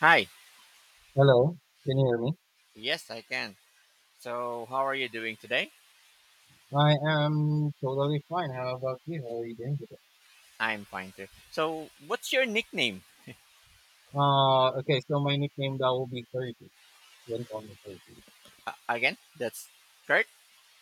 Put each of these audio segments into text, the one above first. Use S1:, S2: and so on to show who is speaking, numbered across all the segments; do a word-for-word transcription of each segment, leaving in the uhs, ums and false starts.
S1: Hi.
S2: Hello, can you hear me?
S1: Yes, I can. So, how are you doing today?
S2: I am totally fine. How about you? How are you doing today?
S1: I'm fine too. So, what's your nickname?
S2: Uh, okay, so my nickname that will be thirty. When call me thirty.
S1: Uh, again, that's Kurt?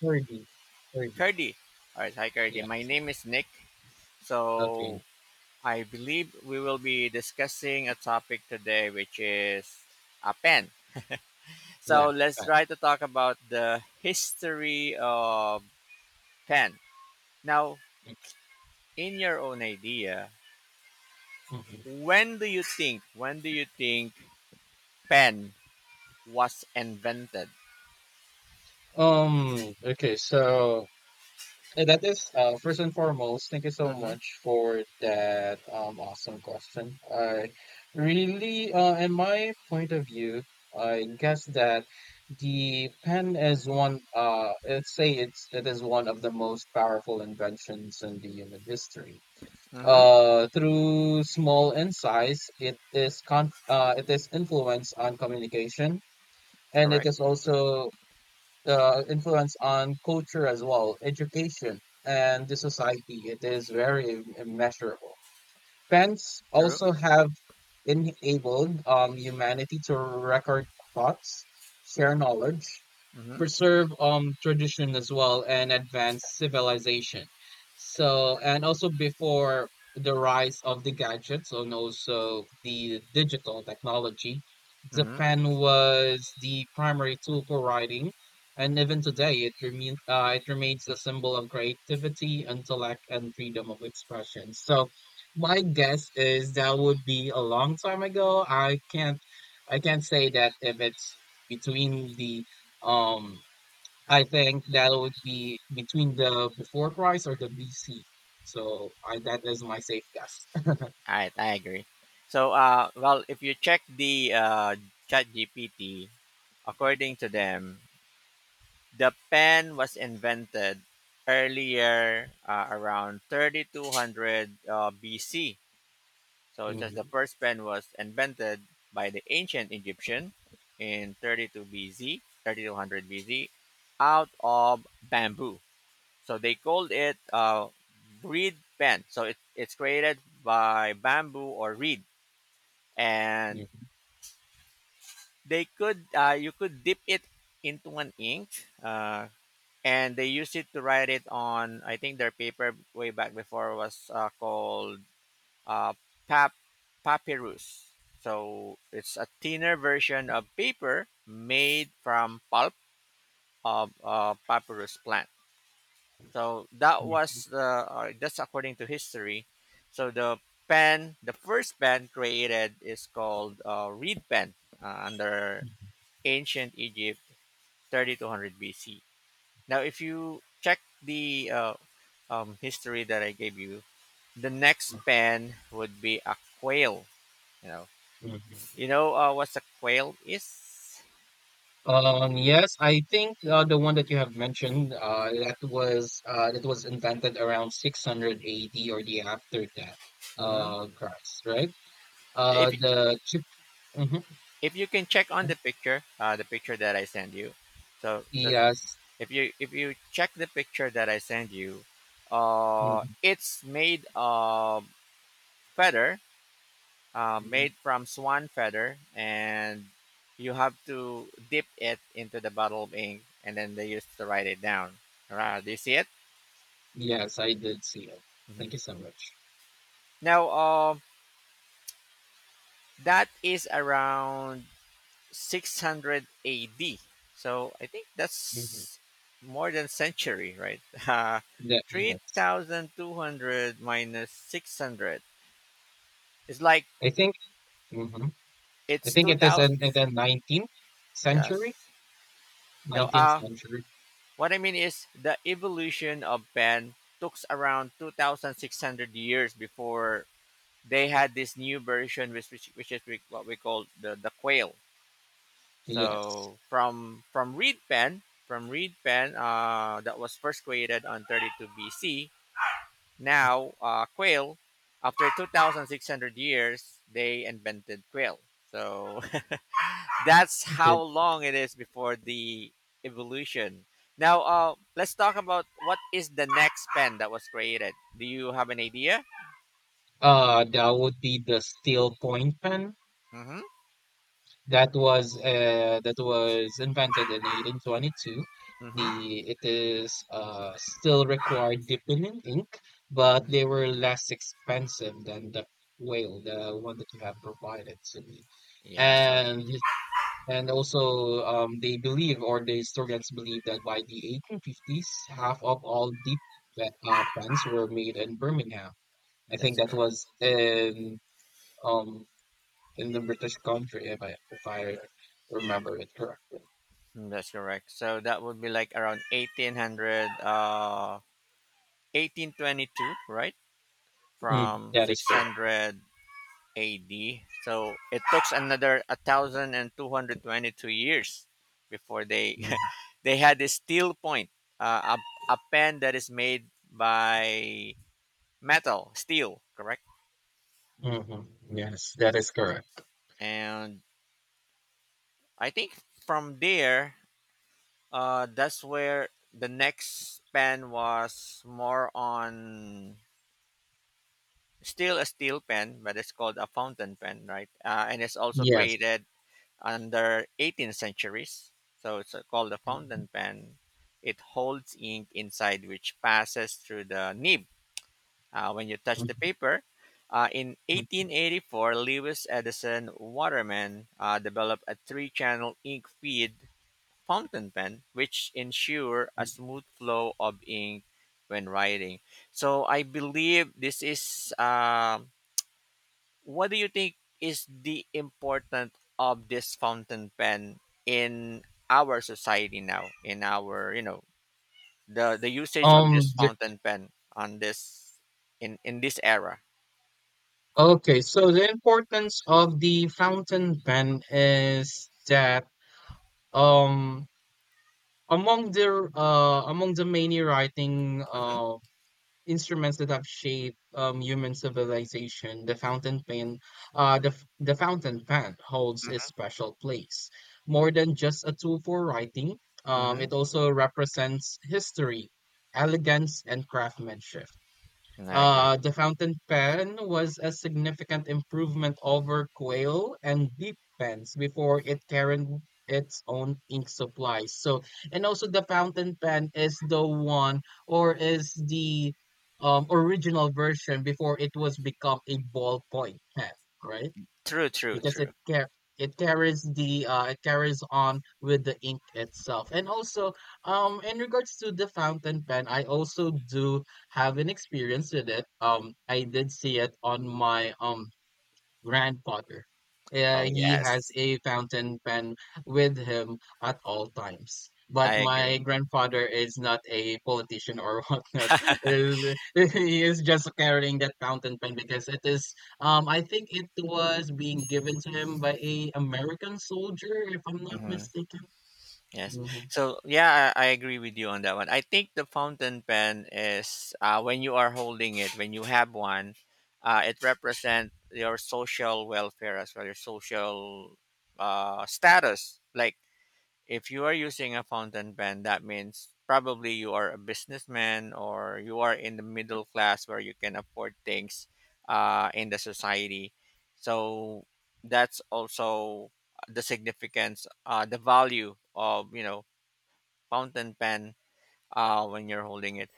S2: thirty. thirty.
S1: Kurdy. All right. Hi, Kurdy. My
S2: Yes.
S1: name is Nick.
S2: Okay.
S1: So, I believe we will be discussing a topic today, which is a pen. So,
S2: Yes.
S1: let's
S2: Pat.
S1: try to talk about the history of pen. Now, in your own idea,
S2: Mhm.
S1: when do you think, when do you think pen was invented?
S2: Um, okay, so and that is uh, first and foremost, thank you so
S1: Mhm.
S2: much for that um, awesome question. I really, uh, in my point of view, I guess that the pen is one. Uh, let's say it's it is one of the most powerful inventions in the human history.
S1: Mm-hmm.
S2: Uh, through small insights, it is con uh, it is influence on communication, and it is
S1: Correct.
S2: also uh, influence on culture as well, education, and the society. It is very im- immeasurable. Pens
S1: True.
S2: also have enabled um, humanity to record thoughts, share knowledge,
S1: Mm-hmm.
S2: preserve um tradition as well and advance civilization. So and also before the rise of the gadgets and also the digital technology, the
S1: Mm-hmm.
S2: pen was the primary tool for writing, and even today it remains uh, it remains a symbol of creativity, intellect, and freedom of expression. So my guess is that would be a long time ago. I can't I can't say that if it's between the um, I think that would be between the before Christ or the B C. So I that is my safe guess.
S1: All right. I agree. So, uh, well, if you check the uh, Chat G P T, according to them, the pen was invented earlier uh, around thirty two hundred uh, B C. So it says the
S2: Mhm,
S1: first pen was invented by the ancient Egyptian in thirty-two B C, thirty two hundred B C, out of bamboo. So they called it uh, reed pen. So it, it's created by bamboo or reed, and
S2: mhm,
S1: they could uh, you could dip it into an ink, uh, and they used it to write it on. I think their paper way back before was uh, called uh, pap papyrus. So it's a thinner version of paper made from pulp of uh, papyrus plant. So that
S2: mhm,
S1: was the uh, that's according to history. So the pen, the first pen created is called uh, reed pen uh, under ancient Egypt, thirty two hundred B C. Now, if you check the uh, um, history that I gave you, the next pen would be a quail. You know,
S2: mhm,
S1: you
S2: mhm.
S1: know uh, what a quail is.
S2: Um, yes, I think uh, the one that you have mentioned uh, that was uh, that was invented around six hundred A D or the after death
S1: Hmm.
S2: uh, Christ, right? Uh,
S1: If
S2: the chip. Mhm.
S1: if you can check on the picture, uh, the picture that I send you. So that's it.
S2: Yes.
S1: If you if you check the picture that I send you. uh,
S2: Mhm,
S1: it's made of feather, uh,
S2: mhm.
S1: made from swan feather, and you have to dip it into the bottle of ink, and then they used to write it down. All right, do you see it?
S2: Yes, I did see it. Thank
S1: Hmm.
S2: you so much.
S1: Now, uh, that is around six hundred A D. So I think
S2: Mhm.
S1: that's more than century, right? Uh,
S2: That, yes.
S1: three thousand two hundred minus six hundred. It's like
S2: I think mhm. I
S1: it's
S2: think it is
S1: two thousand.
S2: in, in the nineteenth
S1: Yes.
S2: century,
S1: No,
S2: nineteenth
S1: uh,
S2: century.
S1: what I mean is the evolution of pen took around two thousand six hundred years before they had this new version, which, which, which is we- what we call the, the quail.
S2: Yes.
S1: So from from reed pen, from reed pen uh, that was first created on thirty-two B C. Now, uh, quail, after two thousand six hundred years, they invented quail. So that's
S2: Mhm.
S1: how long it is before the evolution. Now, uh, let's talk about what is the next pen that was created. Do you have an idea?
S2: Uh, that would be the steel point pen
S1: Mm-hmm.
S2: that was uh, that was invented in eighteen twenty-two.
S1: Mm-hmm.
S2: The It is uh, still required dipping in ink, but they were less expensive than the whale, the one that you have provided to me.
S1: Yeah. So
S2: And And also, um, they believe, or the historians believe, that by the eighteen fifties, half of all deep pla- uh, plans were made in Birmingham. I think
S1: that's
S2: that
S1: correct.
S2: was in um in the British country, if I if I remember it correctly.
S1: Mm, that's correct. So that would be like around eighteen hundred. Uh, eighteen twenty-two, right?
S2: Mm,
S1: From
S2: that is correct.
S1: six hundred A D. So it took another one thousand two hundred twenty-two years before they
S2: Mm-hmm.
S1: they had a steel point, uh, a, a pen that is made by metal, steel, correct?
S2: Mm-hmm. Yes, that is correct.
S1: And I think from there, uh, that's where the next pen was more on still a steel pen, but it's called a fountain pen, right? Uh, and it's also
S2: Yes.
S1: created under eighteenth centuries. So it's uh, called the fountain
S2: Mhm,
S1: pen. It holds ink inside which passes through the nib uh, when you touch the
S2: mhm,
S1: paper. Uh, in eighteen eighty-four, Lewis Edison Waterman uh, developed a three-channel ink feed fountain pen, which ensure a
S2: mhm.
S1: smooth flow of ink when writing. So I believe this is, uh, what do you think is the importance of this fountain pen in our society now? In our, you know, the the usage of this
S2: Um, the,
S1: fountain pen on this in in this era.
S2: okay, so the importance of the fountain pen is that um among their uh, among the many writing
S1: Mm-hmm,
S2: uh, instruments that have shaped um, human civilization, the fountain pen, uh, the f- the fountain pen holds a
S1: mm-hmm,
S2: special place. More than just a tool for writing, um,
S1: mm-hmm.
S2: it also represents history, elegance, and craftsmanship.
S1: I agree.
S2: Uh, the fountain pen was a significant improvement over quail and deep pens before it carried its own ink supply. So, and also the fountain pen is the one or is the um, original version before it was become a ballpoint pen, right?
S1: True, true,
S2: Because it
S1: true.
S2: car- it carries the uh, it carries on with the ink itself and also um in regards to the fountain pen I also do have an experience with it. um I did see it on my um grandfather. Uh,
S1: Oh
S2: he has
S1: yes,
S2: a fountain pen with him at all times. But
S1: I
S2: my
S1: agree.
S2: grandfather is not a politician or whatnot. Is He is just carrying that fountain pen because it is. Um, I think it was being given to him by a American soldier, if I'm not
S1: Mhm.
S2: mistaken.
S1: Yes.
S2: Mhm.
S1: So yeah, I, I agree with you on that one. I think the fountain pen is, uh, when you are holding it, when you have one, uh, it represents your social welfare as well, your social, uh, status. Like if you are using a fountain pen, that means probably you are a businessman or you are in the middle class where you can afford things, uh, in the society. So that's also the significance, uh, the value of you know fountain pen, uh, when you're holding it.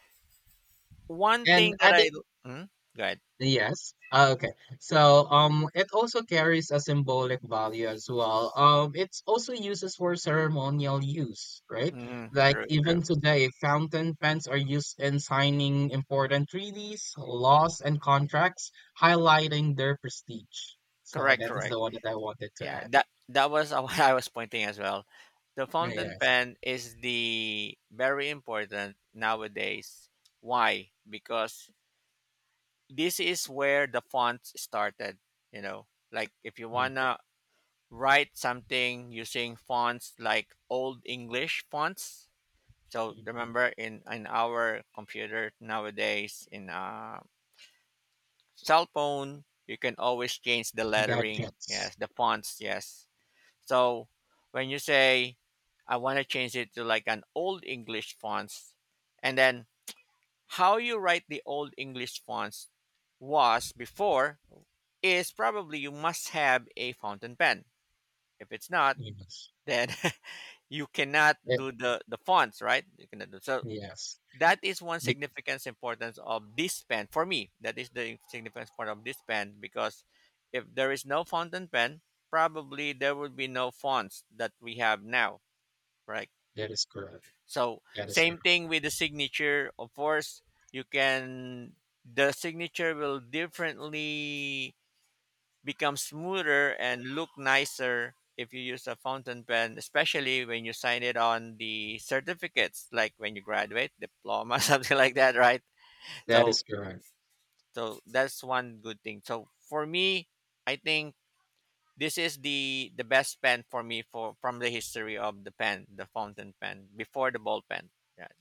S1: One
S2: And
S1: thing that
S2: adding
S1: I, mm, go ahead.
S2: Yes. Ah, okay. So um it also carries a symbolic value as well. Um it's also uses for ceremonial use, right?
S1: Mm,
S2: Like
S1: true, true.
S2: even today, fountain pens are used in signing important treaties, laws, and contracts, highlighting their prestige. So
S1: Correct,
S2: that is the
S1: correct.
S2: one that I wanted to
S1: Yeah,
S2: add.
S1: that that was what I was pointing as well. The fountain
S2: Yes.
S1: pen is the very important nowadays. Why? Because this is where the fonts started. You know, like if you
S2: Mm,
S1: wanna write something using fonts like old English fonts. So
S2: mm,
S1: remember, in in our computer nowadays, in uh, cell phone, you can always change the
S2: mm.
S1: lettering. Yes,
S2: Gadgets.
S1: the fonts. Yes. So when you say, "I want to change it to like an old English fonts," and then how you write the old English fonts was before is probably you must have a fountain pen. If it's not,
S2: Yes.
S1: then you cannot
S2: Eh,
S1: do the the fonts right. You cannot do so.
S2: Yes.
S1: That is one
S2: Be-
S1: significance importance of this pen for me. That is the significance part of this pen, because if there is no fountain pen, probably there would be no fonts that we have now, right?
S2: That is correct.
S1: So
S2: That is
S1: same
S2: correct.
S1: thing with the signature, of course. You can the signature will differently become smoother and look nicer if you use a fountain pen, especially when you sign it on the certificates, like when you graduate, diploma something like that, right?
S2: That
S1: so
S2: is correct.
S1: so that's one good thing. So for me, I think this is the the best pen for me for from the history of the pen, the fountain pen before the ball pen. Yeah,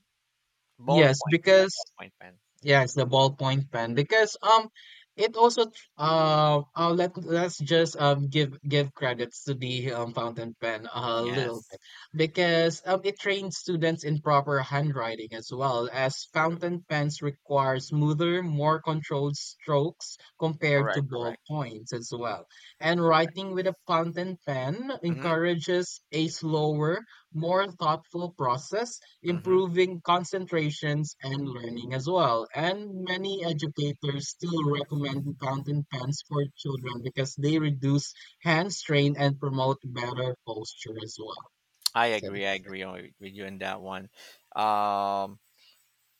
S2: Yes,
S1: ballpoint. Yeah,
S2: because
S1: ballpoint pen.
S2: Yeah, it's the ballpoint pen because um it also tr- uh, uh let let's just um give give credits to the um fountain pen a little bit
S1: Yes,
S2: because um it trains students in proper handwriting as well as
S1: true.
S2: fountain pens require smoother, more controlled strokes compared to
S1: Correct. Correct.
S2: ballpoints as well. And
S1: Correct.
S2: writing with a fountain pen
S1: Mm-hmm.
S2: encourages a slower, more thoughtful process
S1: Mm-hmm.
S2: improving concentrations and learning as well. And many educators still recommend fountain pens for children because they reduce hand strain and promote better posture as well.
S1: I
S2: So
S1: agree. I
S2: that's it.
S1: agree on- with you in that one. Um,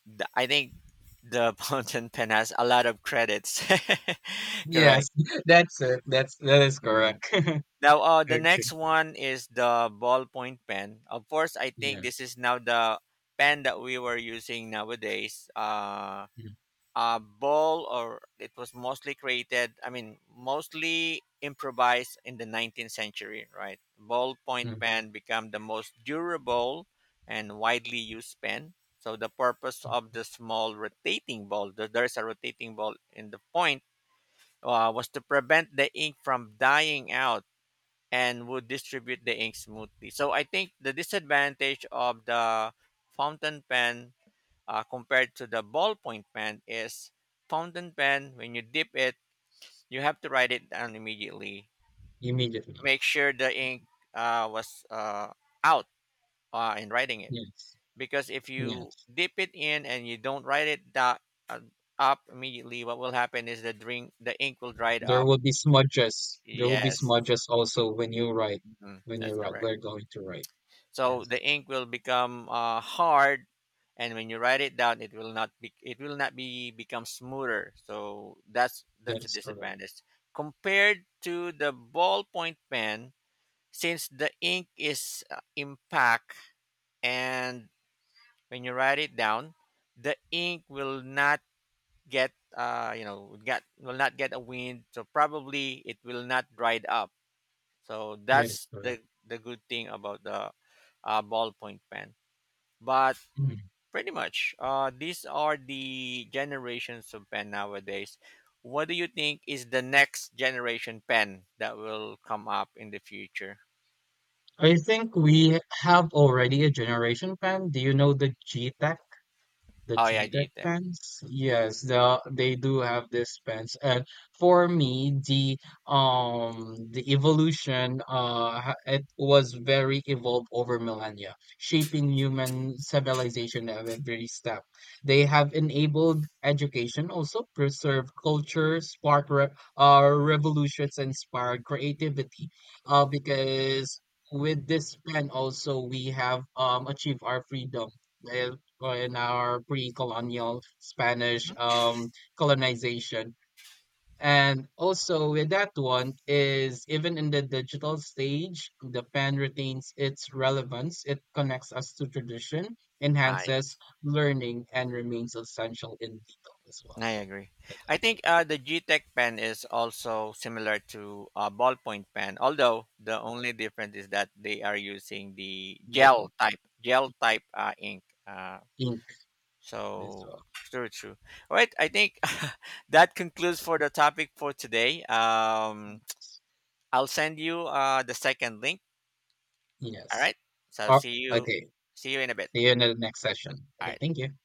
S1: the, I think the fountain pen has a lot of credits.
S2: Yes,
S1: Correct.
S2: that's it. That's that is
S1: Mm-hmm.
S2: correct.
S1: Now, uh, the
S2: Okay.
S1: next one is the ballpoint pen. Of course, I think this
S2: Yes.
S1: is now the pen that we were using nowadays. Uh,
S2: Mm,
S1: a ball, or it was mostly created, I mean, mostly improvised in the nineteenth century, right? Ballpoint
S2: mm,
S1: pen became the most durable and widely used pen. So, the purpose of
S2: mm.
S1: the small rotating ball, there there is a rotating ball in the point, uh, was to prevent the ink from dying out and would distribute the ink smoothly. So I think the disadvantage of the fountain pen, uh, compared to the ballpoint pen is fountain pen, when you dip it, you have to write it down immediately.
S2: Immediately.
S1: Make sure the ink uh, was uh, out uh, in writing it,
S2: Yes.
S1: because if you
S2: Yes.
S1: dip it in and you don't write it that, uh, up immediately, what will happen is the drink the ink will dry
S2: There
S1: up.
S2: will be smudges. There will be
S1: Yes.
S2: smudges also when you write,
S1: Mhm.
S2: when
S1: That's
S2: you're uh,
S1: correct.
S2: go- going to write.
S1: So the
S2: Yes,
S1: ink will become, uh, hard, and when you write it down, it will not be it will not be become smoother. So that's
S2: that
S1: that's a
S2: is correct.
S1: disadvantage compared to the ballpoint pen, since the ink is, uh, impact, and when you write it down, the ink will not get, uh, you know get will not get a wind. So probably it will not dried up. So
S2: That is
S1: that's
S2: correct.
S1: the. The good thing about the uh, ballpoint pen but
S2: Mm.
S1: Pretty much. Uh, these are the generations of pen nowadays. What do you think is the next generation pen that will come up in the future?
S2: I think we have already a generation, Pam. Do you know the G-Tech? The
S1: Oh yeah,
S2: cheetah
S1: G tech.
S2: pants? Yes, the they do have this pants. And for me, the um the evolution uh ha- it was very evolved over millennia, shaping human civilization at every step. They have enabled education, also preserved culture, sparked re uh revolutions, inspired creativity. Uh, because with this pen also we have um achieved our freedom. Well, in our pre-colonial Spanish
S1: Mhm.
S2: um, colonization. And also with that one is even in the digital stage, the pen retains its relevance. It connects us to tradition,
S1: I
S2: enhances learning, and remains essential in detail as well.
S1: I agree.
S2: So
S1: I
S2: that's
S1: think,
S2: it.
S1: uh, the G tech pen is also similar to a ballpoint pen, although the only difference is that they are using the
S2: The
S1: gel
S2: point.
S1: type gel type uh, ink. Uh,
S2: Ink as
S1: So
S2: well.
S1: true, true. All right, I think that concludes for the topic for today.
S2: Mm,
S1: Um, I'll send you uh, the second link. All
S2: yes.
S1: right. So
S2: Oh,
S1: see you,
S2: okay.
S1: see you in a bit.
S2: See you in the next session.
S1: All
S2: Okay,
S1: right.
S2: thank you.